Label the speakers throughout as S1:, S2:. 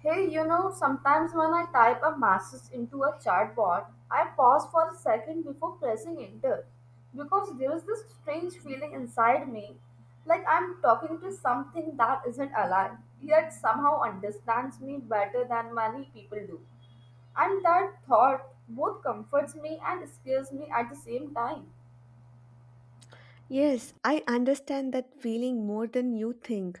S1: Hey, you know, sometimes when I type a message into a chatbot, I pause for a second before pressing enter because there is this strange feeling inside me like I'm talking to something that isn't alive, yet somehow understands me better than many people do. And that thought both comforts me and scares me at the same time.
S2: Yes, I understand that feeling more than you think.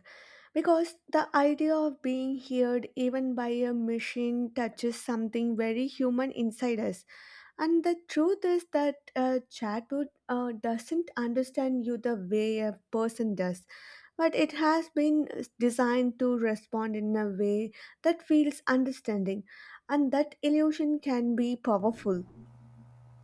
S2: Because the idea of being heard even by a machine touches something very human inside us. And the truth is that a chatbot doesn't understand you the way a person does, but it has been designed to respond in a way that feels understanding. And that illusion can be powerful.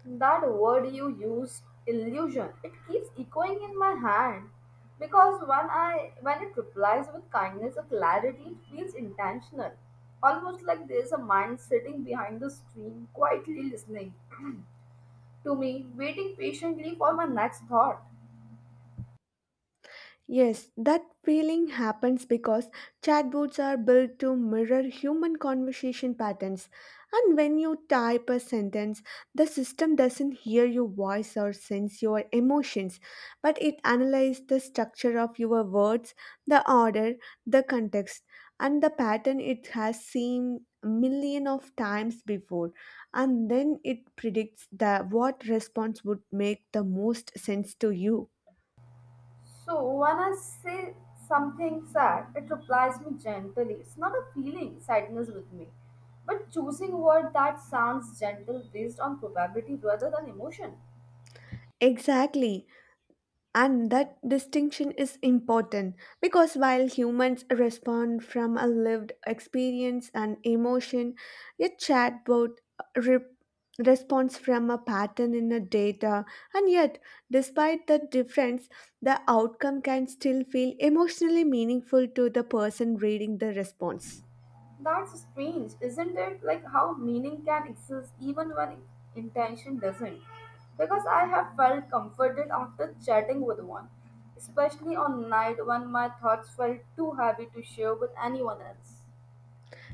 S1: That word you used, illusion, it keeps echoing in my hand because when it replies with kindness or clarity, it feels intentional. Almost like there's a mind sitting behind the screen, quietly listening to me, waiting patiently for my next thought.
S2: Yes, that feeling happens because chatbots are built to mirror human conversation patterns. And when you type a sentence, the system doesn't hear your voice or sense your emotions, but it analyzes the structure of your words, the order, the context, and the pattern it has seen a million of times before, and then it predicts that what response would make the most sense to you.
S1: So when I say something sad, it replies me gently. It's not a feeling, sadness with me, but choosing word that sounds gentle based on probability rather than emotion.
S2: Exactly. And that distinction is important because while humans respond from a lived experience and emotion, a chatbot re- responds from a pattern in a data. And yet, despite the difference, the outcome can still feel emotionally meaningful to the person reading the response.
S1: That's strange, isn't it? Like how meaning can exist even when intention doesn't. Because I have felt comforted after chatting with one, especially on night when my thoughts felt too heavy to share with anyone else.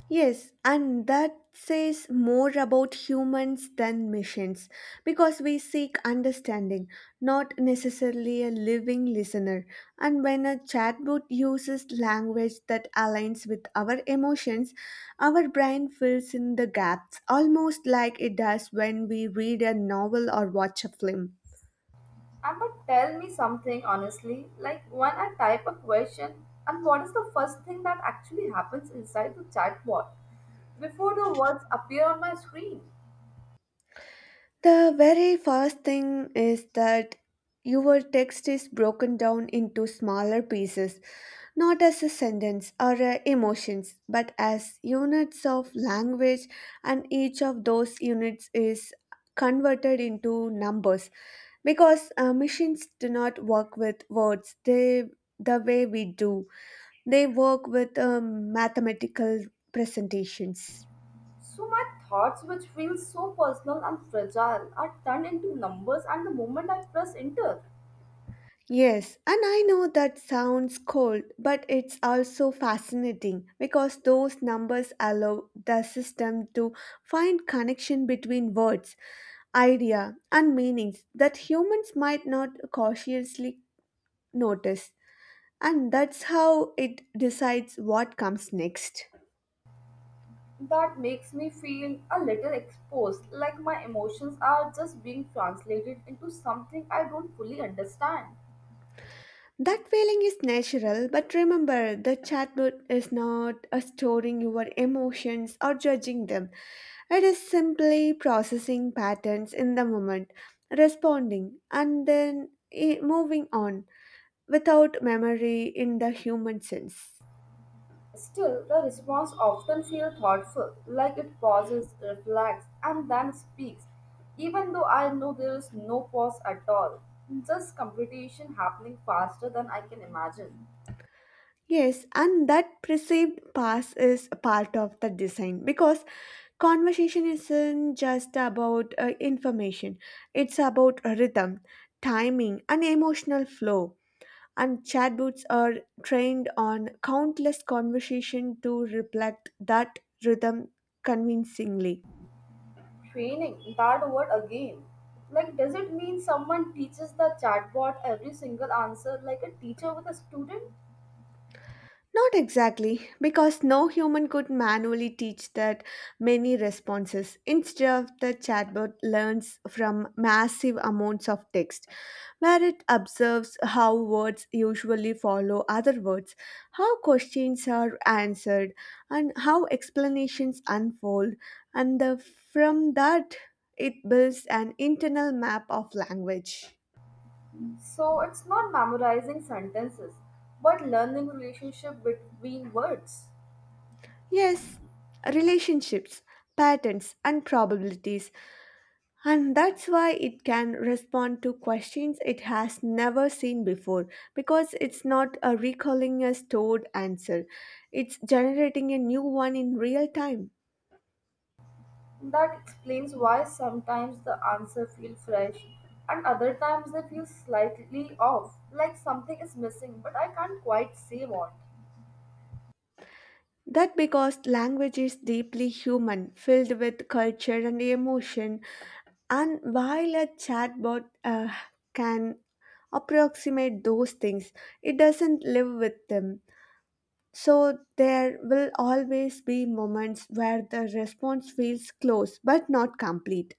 S2: Yes, and that says more about humans than missions because we seek understanding, not necessarily a living listener. And when a chatbot uses language that aligns with our emotions, our brain fills in the gaps almost like it does when we read a novel or watch a film.
S1: And but tell me something honestly, like when I type a question, and what is the first thing that actually happens inside the chatbot before the words appear on my screen?
S2: The very first thing is that your text is broken down into smaller pieces, not as a sentence or emotions, but as units of language, and each of those units is converted into numbers because machines do not work with words they the way we do, they work with mathematical presentations.
S1: So my thoughts, which feel so personal and fragile, are turned into numbers, and the moment I press enter,
S2: Yes, and I know that sounds cold, but it's also fascinating because those numbers allow the system to find connection between words, idea, and meanings that humans might not cautiously notice. And that's how it decides what comes next.
S1: that makes me feel a little exposed, like my emotions are just being translated into something I don't fully understand.
S2: That feeling is natural, but remember the chatbot is not storing your emotions or judging them. It is simply processing patterns in the moment, responding, and then moving on without memory in the human sense.
S1: Still, the response often feels thoughtful, like it pauses, reflects, and then speaks, even though I know there is no pause at all, just computation happening faster than I can imagine.
S2: Yes, and that perceived past is a part of the design because conversation isn't just about information, it's about rhythm, timing, and emotional flow. And chatbots are trained on countless conversation to reflect that rhythm convincingly.
S1: Training, that word again. Like, does it mean someone teaches the chatbot every single answer like a teacher with a student?
S2: Not exactly, because no human could manually teach that many responses. Instead, the chatbot learns from massive amounts of text, where it observes how words usually follow other words, how questions are answered, and how explanations unfold, and the, from that, it builds an internal map of language.
S1: So, it's not memorizing sentences, but learning relationship between words.
S2: Yes, relationships, patterns, and probabilities. And that's why it can respond to questions it has never seen before because it's not a recalling a stored answer, it's generating a new one in real time.
S1: That explains why sometimes the answer feel fresh and other times they feel slightly off, like something is missing, but I can't quite say what.
S2: That because language is deeply human, filled with culture and emotion, and while a chatbot can approximate those things, it doesn't live with them. So there will always be moments where the response feels close but not complete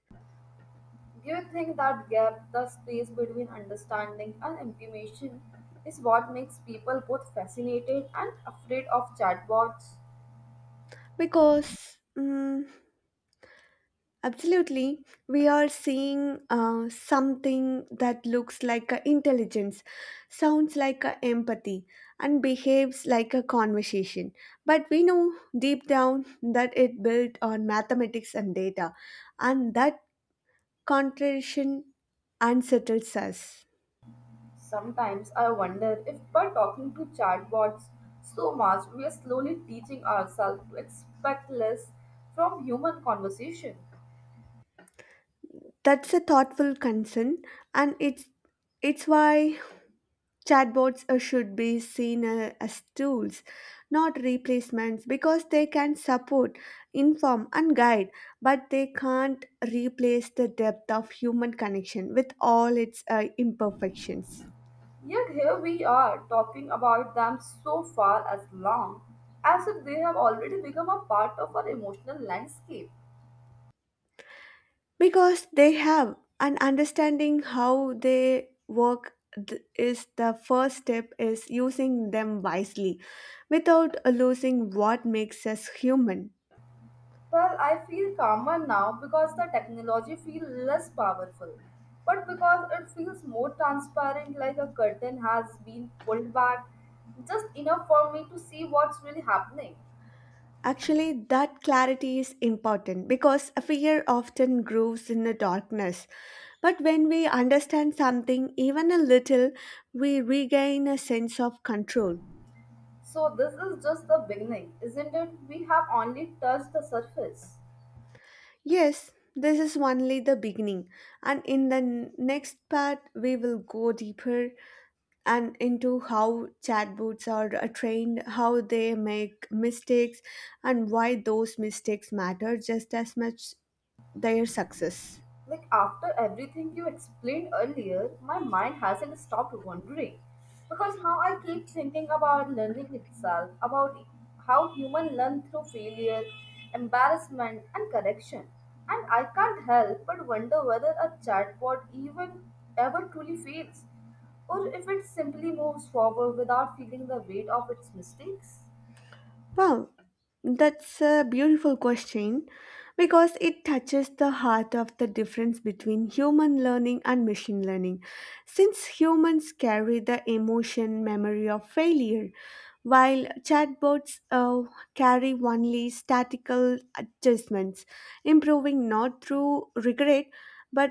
S1: Do you think that gap, the space between understanding and implementation, is what makes people both fascinated and afraid of chatbots?
S2: because absolutely we are seeing something that looks like a intelligence, sounds like a empathy, and behaves like a conversation. But we know deep down that it built on mathematics and data, and that contradiction unsettles us.
S1: Sometimes I wonder if by talking to chatbots so much, we are slowly teaching ourselves to expect less from human conversation.
S2: That's a thoughtful concern, and it's why chatbots should be seen as tools, not replacements, because they can support, inform, and guide, but they can't replace the depth of human connection with all its imperfections.
S1: Yet here we are talking about them so far as long as if they have already become a part of our emotional landscape.
S2: Because they have an understanding how they work is the first step is using them wisely without losing what makes us human.
S1: Well, I feel calmer now because the technology feels less powerful, but because it feels more transparent, like a curtain has been pulled back just enough for me to see what's really happening.
S2: Actually, that clarity is important because a fear often grows in the darkness. But when we understand something, even a little, we regain a sense of control.
S1: So, this is just the beginning, isn't it? We have only touched the surface.
S2: Yes, this is only the beginning, and in the next part, we will go deeper and into how chatbots are trained, how they make mistakes, and why those mistakes matter just as much their success.
S1: Like after everything you explained earlier, my mind hasn't stopped wondering because now I keep thinking about learning itself, about how human learn through failure, embarrassment, and correction. And I can't help but wonder whether a chatbot even ever truly fails, or if it simply moves forward without feeling the weight of its mistakes.
S2: Wow, that's a beautiful question because it touches the heart of the difference between human learning and machine learning. Since humans carry the emotion memory of failure, while chatbots carry only statical adjustments, improving not through regret but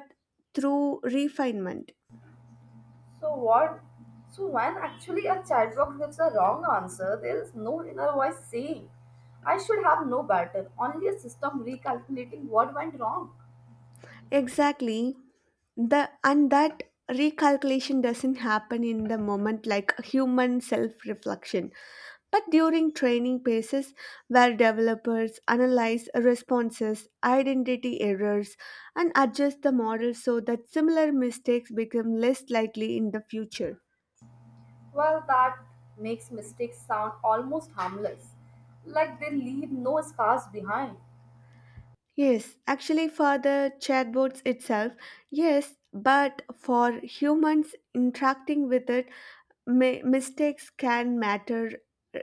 S2: through refinement.
S1: So what? So when actually a chatbot gives a wrong answer, there is no inner voice saying, "I should have no better," only a system recalculating what went wrong.
S2: Exactly. the and that recalculation doesn't happen in the moment like human self reflection, but during training phases where developers analyze responses identity errors and adjust the model so that similar mistakes become less likely in the future.
S1: Well, that makes mistakes sound almost harmless, like they leave no scars behind.
S2: Yes, actually, for the chatbots itself, yes, but for humans interacting with it, mistakes can matter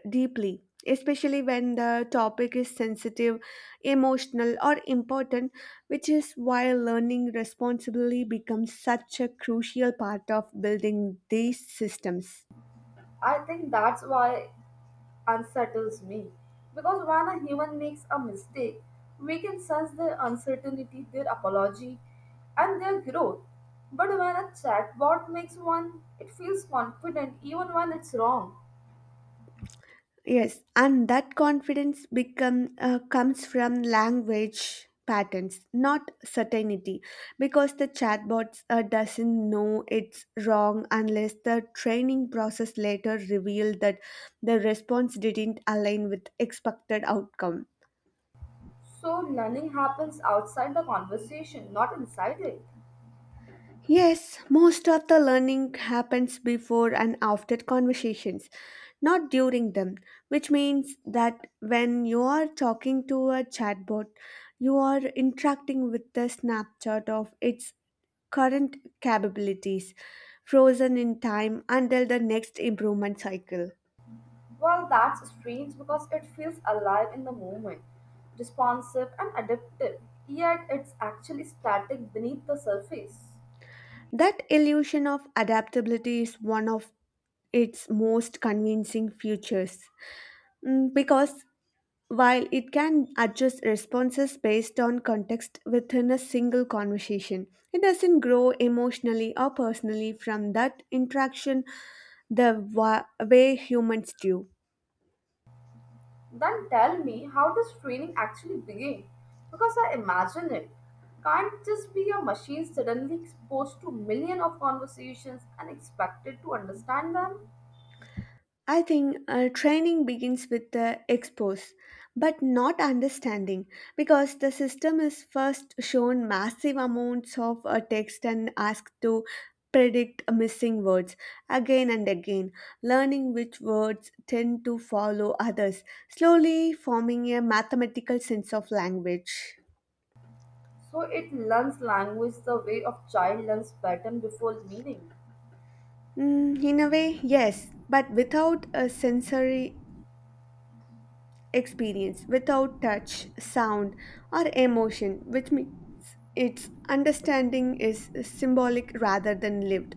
S2: deeply, especially when the topic is sensitive, emotional, or important, which is why learning responsibly becomes such a crucial part of building these systems.
S1: I think that's why unsettles me. Because when a human makes a mistake, we can sense their uncertainty, their apology, and their growth. But when a chatbot makes one, it feels confident even when it's wrong.
S2: Yes, and that confidence become comes from language patterns, not certainty, because the chatbots doesn't know it's wrong unless the training process later revealed that the response didn't align with expected outcome.
S1: So learning happens outside the conversation, not inside it.
S2: Yes, most of the learning happens before and after conversations, not during them, which means that when you are talking to a chatbot, you are interacting with the snapshot of its current capabilities, frozen in time until the next improvement cycle.
S1: Well, that's strange because it feels alive in the moment, responsive and adaptive, yet it's actually static beneath the surface.
S2: That illusion of adaptability is one of its most convincing features. Because while it can adjust responses based on context within a single conversation, it doesn't grow emotionally or personally from that interaction the way humans do.
S1: Then tell me, how does training actually begin? Because I imagine it can't just be a machine suddenly exposed to million of conversations and expected to understand them.
S2: I think training begins with the expose, but not understanding, because the system is first shown massive amounts of text and asked to predict missing words again and again, learning which words tend to follow others, slowly forming a mathematical sense of language.
S1: So it learns language the way of child learns pattern before meaning.
S2: In a way, yes, but without a sensory experience, without touch, sound, or emotion, which means its understanding is symbolic rather than lived.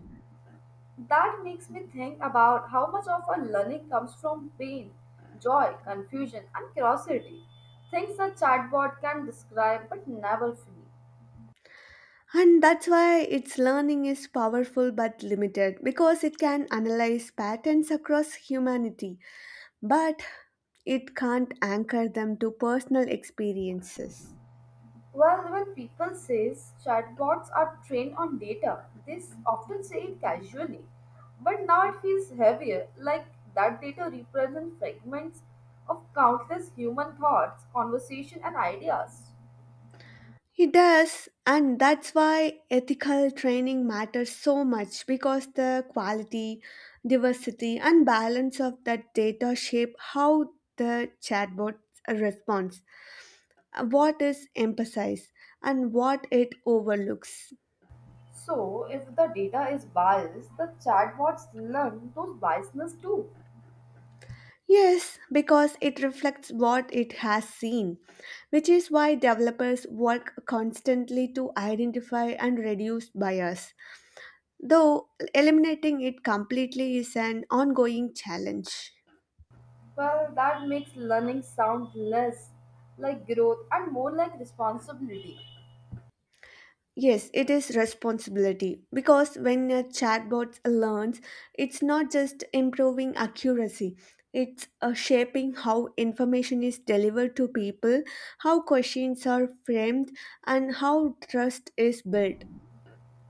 S1: That makes me think about how much of our learning comes from pain, joy, confusion, and curiosity. Things a chatbot can describe but never feel.
S2: And that's why its learning is powerful but limited because it can analyze patterns across humanity, but it can't anchor them to personal experiences.
S1: Well, when people say chatbots are trained on data, they often say it casually. But now it feels heavier, like that data represents fragments of countless human thoughts, conversation, and ideas.
S2: It does, and that's why ethical training matters so much because the quality, diversity, and balance of that data shape how the chatbot responds, what is emphasized, and what it overlooks.
S1: So, if the data is biased, the chatbots learn those biasness too.
S2: Yes, because it reflects what it has seen, which is why developers work constantly to identify and reduce bias, though eliminating it completely is an ongoing challenge.
S1: Well, that makes learning sound less like growth and more like responsibility.
S2: Yes, it is responsibility because when a chatbot learns, it's not just improving accuracy, it's shaping how information is delivered to people, how questions are framed, and how trust is built.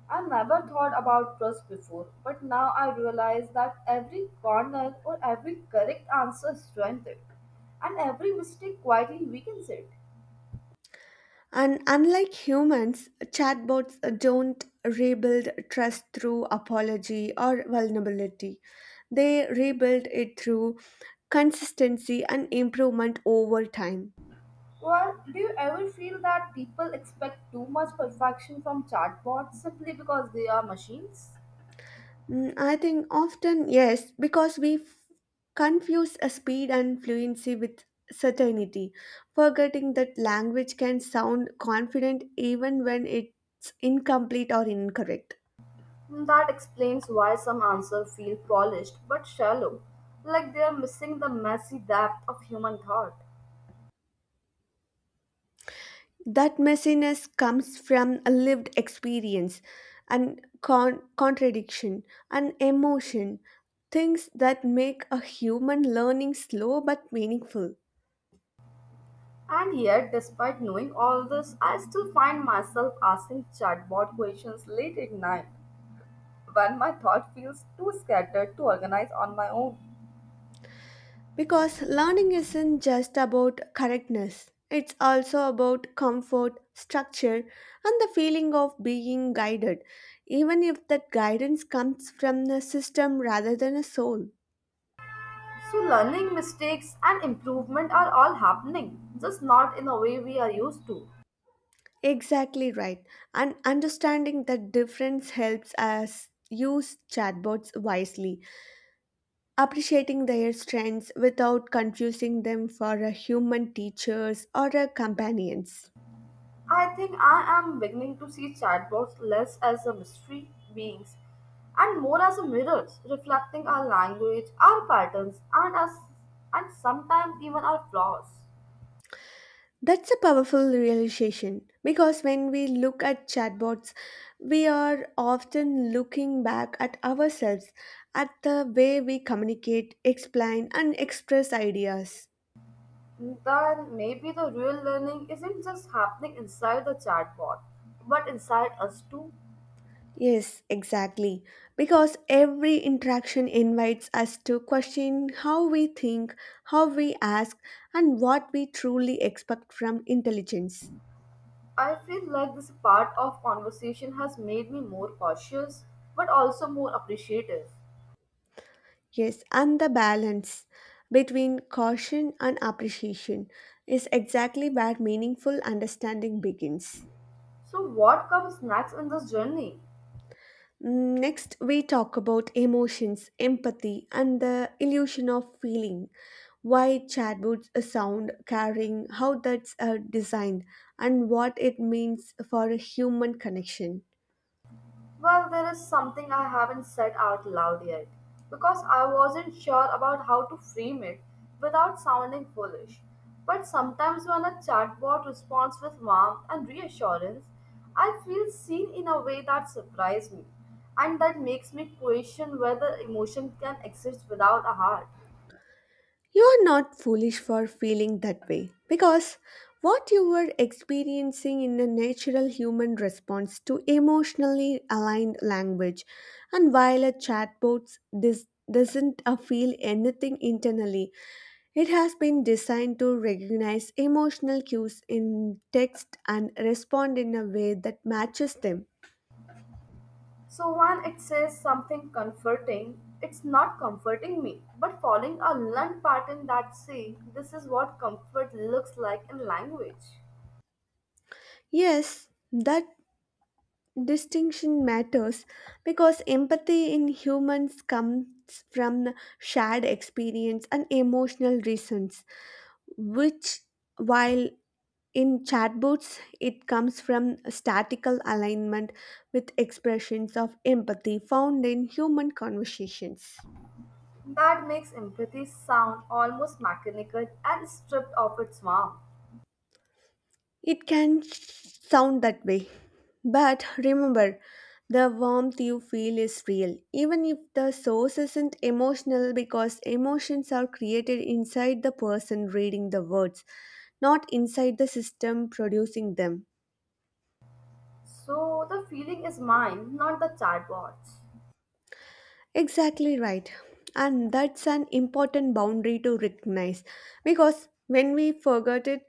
S1: I never thought about trust before, but now I realize that every corner or every correct answer strengthens it, and every mistake quietly weakens it.
S2: And unlike humans, chatbots don't rebuild trust through apology or vulnerability. They rebuild it through consistency and improvement over time.
S1: Well, do you ever feel that people expect too much perfection from chatbots simply because they are machines?
S2: I think often, yes, because we confuse a speed and fluency with certainty, forgetting that language can sound confident even when it's incomplete or incorrect.
S1: That explains why some answers feel polished but shallow, like they are missing the messy depth of human thought.
S2: That messiness comes from a lived experience and contradiction and emotion, things that make a human learning slow but meaningful.
S1: And yet, despite knowing all this, I still find myself asking chatbot questions late at night when my thought feels too scattered to organize on my own.
S2: Because learning isn't just about correctness, it's also about comfort, structure, and the feeling of being guided, even if that guidance comes from a system rather than a soul.
S1: So, learning, mistakes, and improvement are all happening, just not in a way we are used to.
S2: Exactly right. And understanding that difference helps us use chatbots wisely, appreciating their strengths without confusing them for a human teachers or a companions.
S1: I think I am beginning to see chatbots less as a mystery beings and more as a mirrors reflecting our language, our patterns, and us, and sometimes even our flaws.
S2: That's a powerful realization because when we look at chatbots, we are often looking back at ourselves, at the way we communicate, explain, and express ideas.
S1: Then maybe the real learning isn't just happening inside the chatbot, but inside us too.
S2: Yes, exactly. Because every interaction invites us to question how we think, how we ask, and what we truly expect from intelligence.
S1: I feel like this part of conversation has made me more cautious, but also more appreciative.
S2: Yes, and the balance between caution and appreciation is exactly where meaningful understanding begins.
S1: So, what comes next in this journey?
S2: Next, we talk about emotions, empathy, and the illusion of feeling. Why chatbots sound caring, how that's designed, and what it means for a human connection.
S1: Well, there is something I haven't said out loud yet because I wasn't sure about how to frame it without sounding foolish. But sometimes when a chatbot responds with warmth and reassurance, I feel seen in a way that surprised me and that makes me question whether emotion can exist without a heart.
S2: You are not foolish for feeling that way because what you were experiencing in a natural human response to emotionally aligned language, and while a chatbot doesn't feel anything internally. It has been designed to recognize emotional cues in text and respond in a way that matches them.
S1: So when it says something comforting, it's not comforting me, but following a learned pattern that say this is what comfort looks like in language.
S2: Yes, that distinction matters because empathy in humans comes from shared experience and emotional reasons, which, while in chatbots, it comes from statical alignment with expressions of empathy found in human conversations.
S1: That makes empathy sound almost mechanical and stripped of its warmth.
S2: It can sound that way. But remember, the warmth you feel is real, even if the source isn't emotional, because emotions are created inside the person reading the words, not inside the system producing them.
S1: So the feeling is mine, not the chatbot's.
S2: Exactly right. And that's an important boundary to recognize because when we forget it,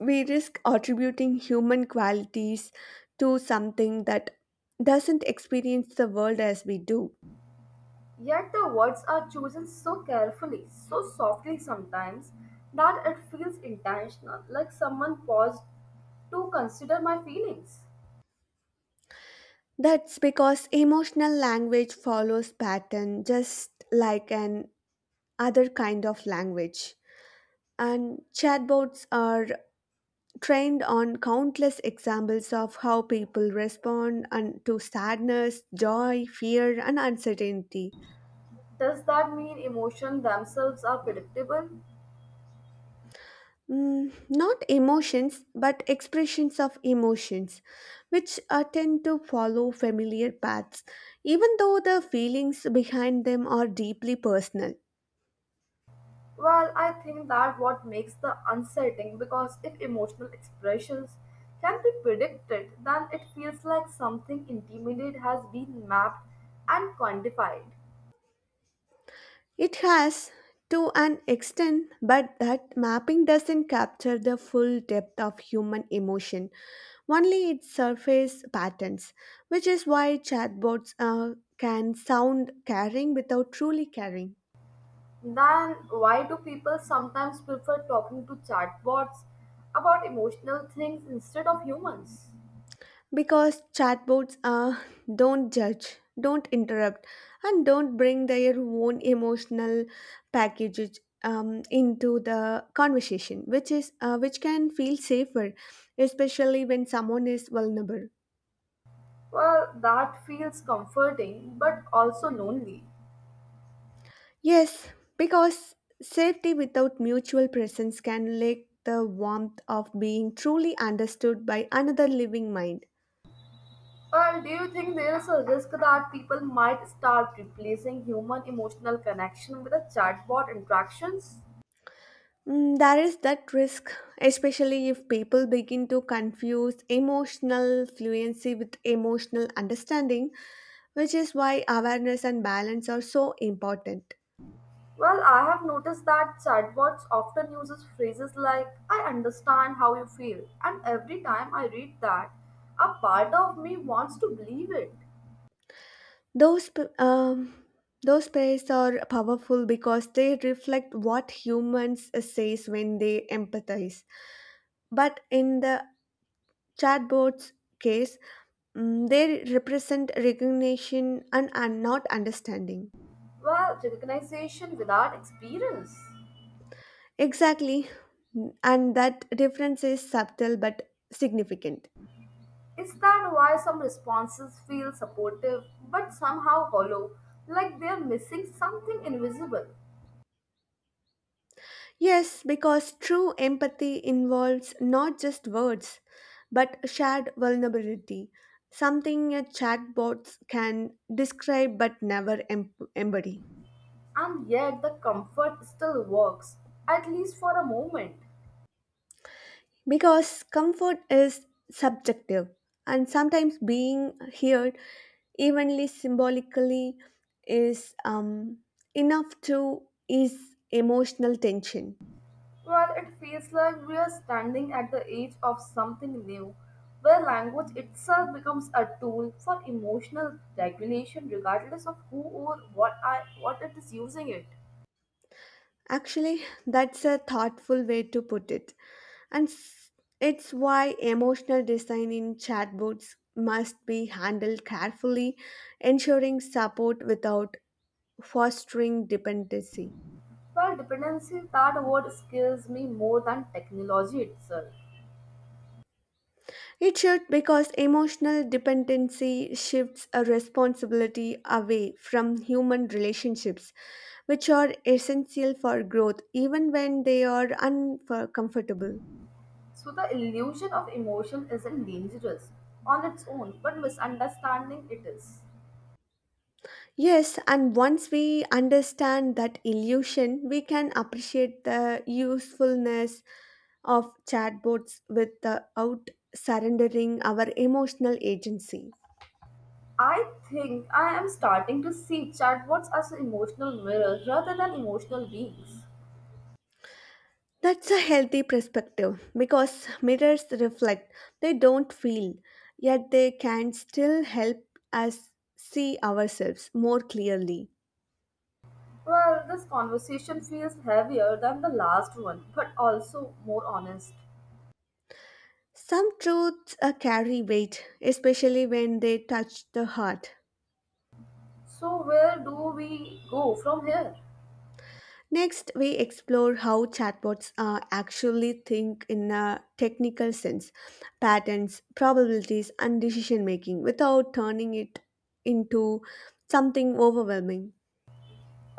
S2: we risk attributing human qualities to something that doesn't experience the world as we do.
S1: Yet the words are chosen so carefully, so softly sometimes, that it feels intentional, like someone paused to consider my feelings.
S2: That's because emotional language follows pattern just like an other kind of language. And chatbots are trained on countless examples of how people respond and to sadness, joy, fear and uncertainty.
S1: Does that mean emotions themselves are predictable?
S2: Not emotions, but expressions of emotions, which tend to follow familiar paths, even though the feelings behind them are deeply personal.
S1: Well, I think that what makes the unsettling because if emotional expressions can be predicted, then it feels like something intimate has been mapped and quantified.
S2: It has, to an extent, but that mapping doesn't capture the full depth of human emotion, only its surface patterns, which is why chatbots can sound caring without truly caring.
S1: Then why do people sometimes prefer talking to chatbots about emotional things instead of humans?
S2: Because chatbots don't judge, don't interrupt, and don't bring their own emotional packages into the conversation, which can feel safer, especially when someone is vulnerable.
S1: Well, that feels comforting but also lonely.
S2: Yes, because safety without mutual presence can lack the warmth of being truly understood by another living mind.
S1: Well, do you think there is a risk that people might start replacing human emotional connection with a chatbot interactions?
S2: Mm, there is that risk, especially if people begin to confuse emotional fluency with emotional understanding, which is why awareness and balance are so important.
S1: Well, I have noticed that chatbots often uses phrases like "I understand how you feel," and every time I read that, a part of me wants to believe it.
S2: Those p- um, those pairs are powerful because they reflect what humans says when they empathize. But in the chatbot's case, mm, they represent recognition and are not understanding.
S1: Well, recognition without experience.
S2: Exactly. And that difference is subtle but significant.
S1: Is that why some responses feel supportive but somehow hollow, like they're missing something invisible?
S2: Yes, because true empathy involves not just words, but shared vulnerability, something a chatbot can describe but never embody.
S1: And yet the comfort still works, at least for a moment,
S2: Because comfort is subjective, and sometimes being heard, evenly symbolically, is enough to ease emotional tension.
S1: where it feels like we are standing at the edge of something new, where language itself becomes a tool for emotional regulation regardless of who or what it is using it.
S2: Actually, that's a thoughtful way to put it. And s- it's why emotional design in chatbots must be handled carefully, ensuring support without fostering dependency.
S1: Well dependency that word scares me more than technology itself.
S2: It should because emotional dependency shifts a responsibility away from human relationships, which are essential for growth even when they are uncomfortable.
S1: So the illusion of emotion isn't dangerous on its own, but misunderstanding it is.
S2: Yes, and once we understand that illusion, we can appreciate the usefulness of chatbots without surrendering our emotional agency.
S1: I think I am starting to see chatbots as emotional mirrors rather than emotional beings.
S2: That's a healthy perspective because mirrors reflect, they don't feel, yet they can still help us see ourselves more clearly.
S1: Well, this conversation feels heavier than the last one, but also more honest.
S2: Some truths carry weight, especially when they touch the heart.
S1: So, where do we go from here?
S2: Next, we explore how chatbots actually think in a technical sense, patterns, probabilities, and decision making without turning it into something overwhelming.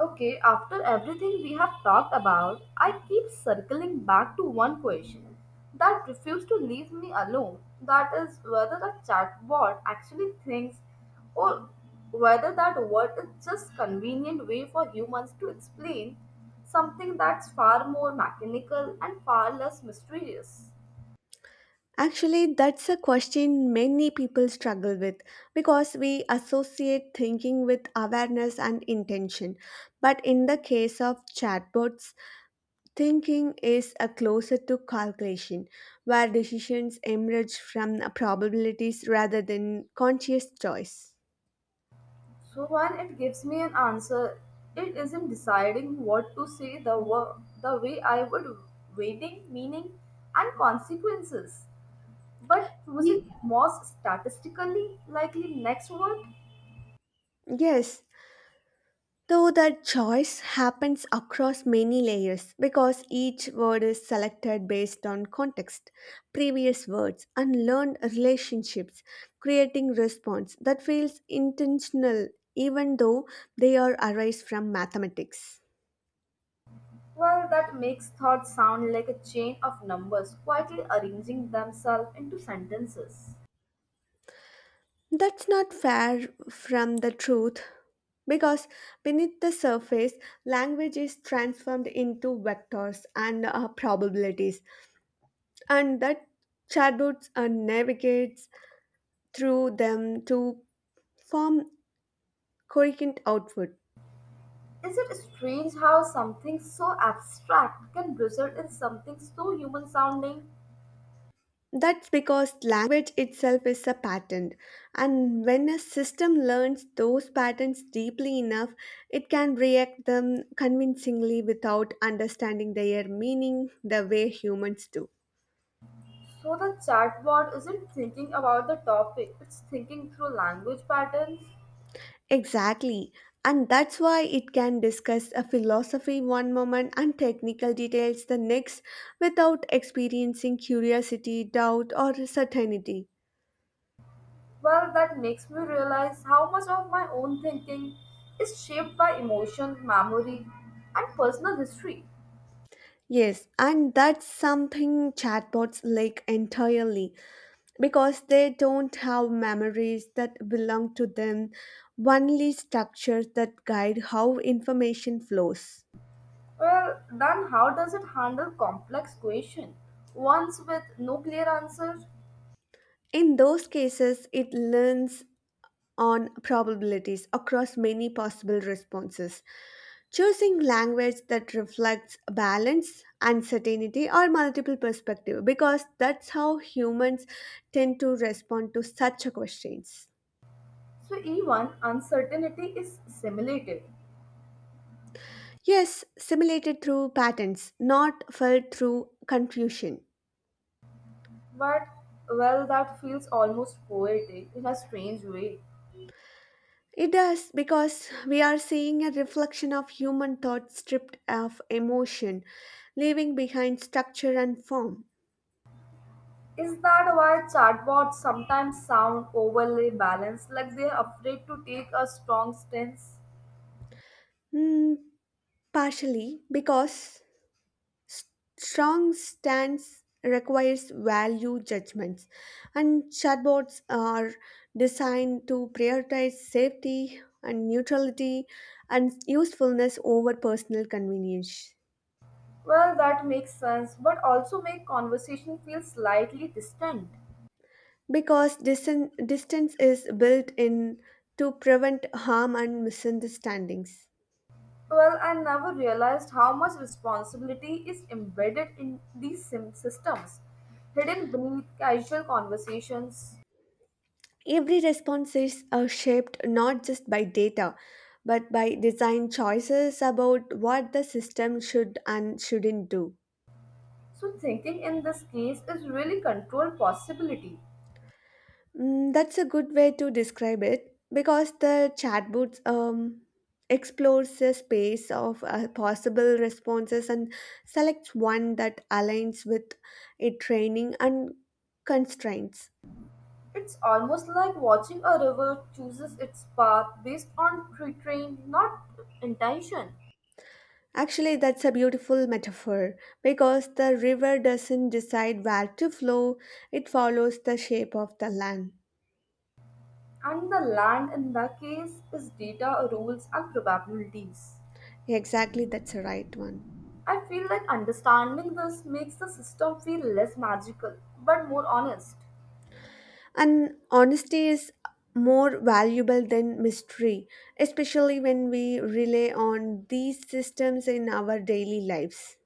S1: Okay, after everything we have talked about, I keep circling back to one question that refused to leave me alone. That is whether the chatbot actually thinks or whether that word is just convenient way for humans to explain something that's far more mechanical and far less mysterious.
S2: Actually, that's a question many people struggle with because we associate thinking with awareness and intention. But in the case of chatbots, thinking is a closer to calculation, where decisions emerge from probabilities rather than conscious choice.
S1: So when it gives me an answer, it isn't deciding what to say the way I would, weighting meaning and consequences. But choosing
S2: Ye-
S1: most statistically likely next word,
S2: Yes, though that choice happens across many layers because each word is selected based on context, previous words, and learned relationships, creating response that feels intentional even though they are arise from mathematics.
S1: well, that makes thoughts sound like a chain of numbers quietly arranging themselves into sentences.
S2: That's not far from the truth because beneath the surface, language is transformed into vectors and probabilities, and that chatbots navigates through them to form coherent output.
S1: Is it strange how something so abstract can result in something so human sounding?
S2: That's because language itself is a pattern, and when a system learns those patterns deeply enough, it can react them convincingly without understanding their meaning the way humans do.
S1: So the chatbot isn't thinking about the topic, it's thinking through language patterns.
S2: Exactly, and that's why it can discuss a philosophy one moment and technical details the next without experiencing curiosity, doubt, or certainty.
S1: Well, that makes me realize how much of my own thinking is shaped by emotion, memory, and personal history.
S2: Yes, and that's something chatbots lack entirely, because they don't have memories that belong to them, only structures that guide how information flows.
S1: Well, then how does it handle complex questions, ones with no clear answers?
S2: In those cases, it learns on probabilities across many possible responses, choosing language that reflects balance, uncertainty, or multiple perspective because that's how humans tend to respond to such questions.
S1: So even uncertainty is simulated.
S2: Yes, simulated through patterns, not felt through confusion.
S1: But well, that feels almost poetic in a strange way.
S2: It does because we are seeing a reflection of human thought stripped of emotion, leaving behind structure and form.
S1: Is that why chatbots sometimes sound overly balanced, like they're afraid to take a strong stance?
S2: Hmm, partially because strong stance requires value judgments, and chatbots are designed to prioritize safety and neutrality and usefulness over personal convenience.
S1: Well, that makes sense, but also make conversation feel slightly distant.
S2: Because distance is built in to prevent harm and misunderstandings.
S1: Well, I never realized how much responsibility is embedded in these systems, hidden beneath casual conversations.
S2: Every response is shaped not just by data, but by design choices about what the system should and shouldn't do.
S1: So, thinking in this case is really controlled possibility.
S2: Mm, that's a good way to describe it because the chatbot explores the space of possible responses and selects one that aligns with its training and constraints.
S1: It's almost like watching a river chooses its path based on pre-trained, not intention.
S2: Actually, that's a beautiful metaphor because the river doesn't decide where to flow, it follows the shape of the land.
S1: And the land in that case is data, rules, and probabilities.
S2: Exactly, that's the right one.
S1: I feel like understanding this makes the system feel less magical but more honest.
S2: And honesty is more valuable than mystery, especially when we rely on these systems in our daily lives.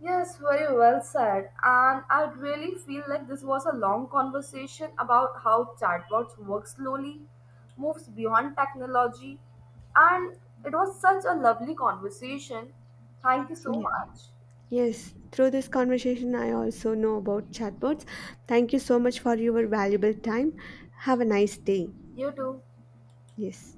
S1: Yes, very well said. And I really feel like this was a long conversation about how chatbots work slowly, moves beyond technology, and it was such a lovely conversation. Thank you so
S2: Ye-
S1: much.
S2: Yes, through this conversation, I also know about chatbots. Thank you so much for your valuable time. Have a nice day.
S1: You too.
S2: Yes.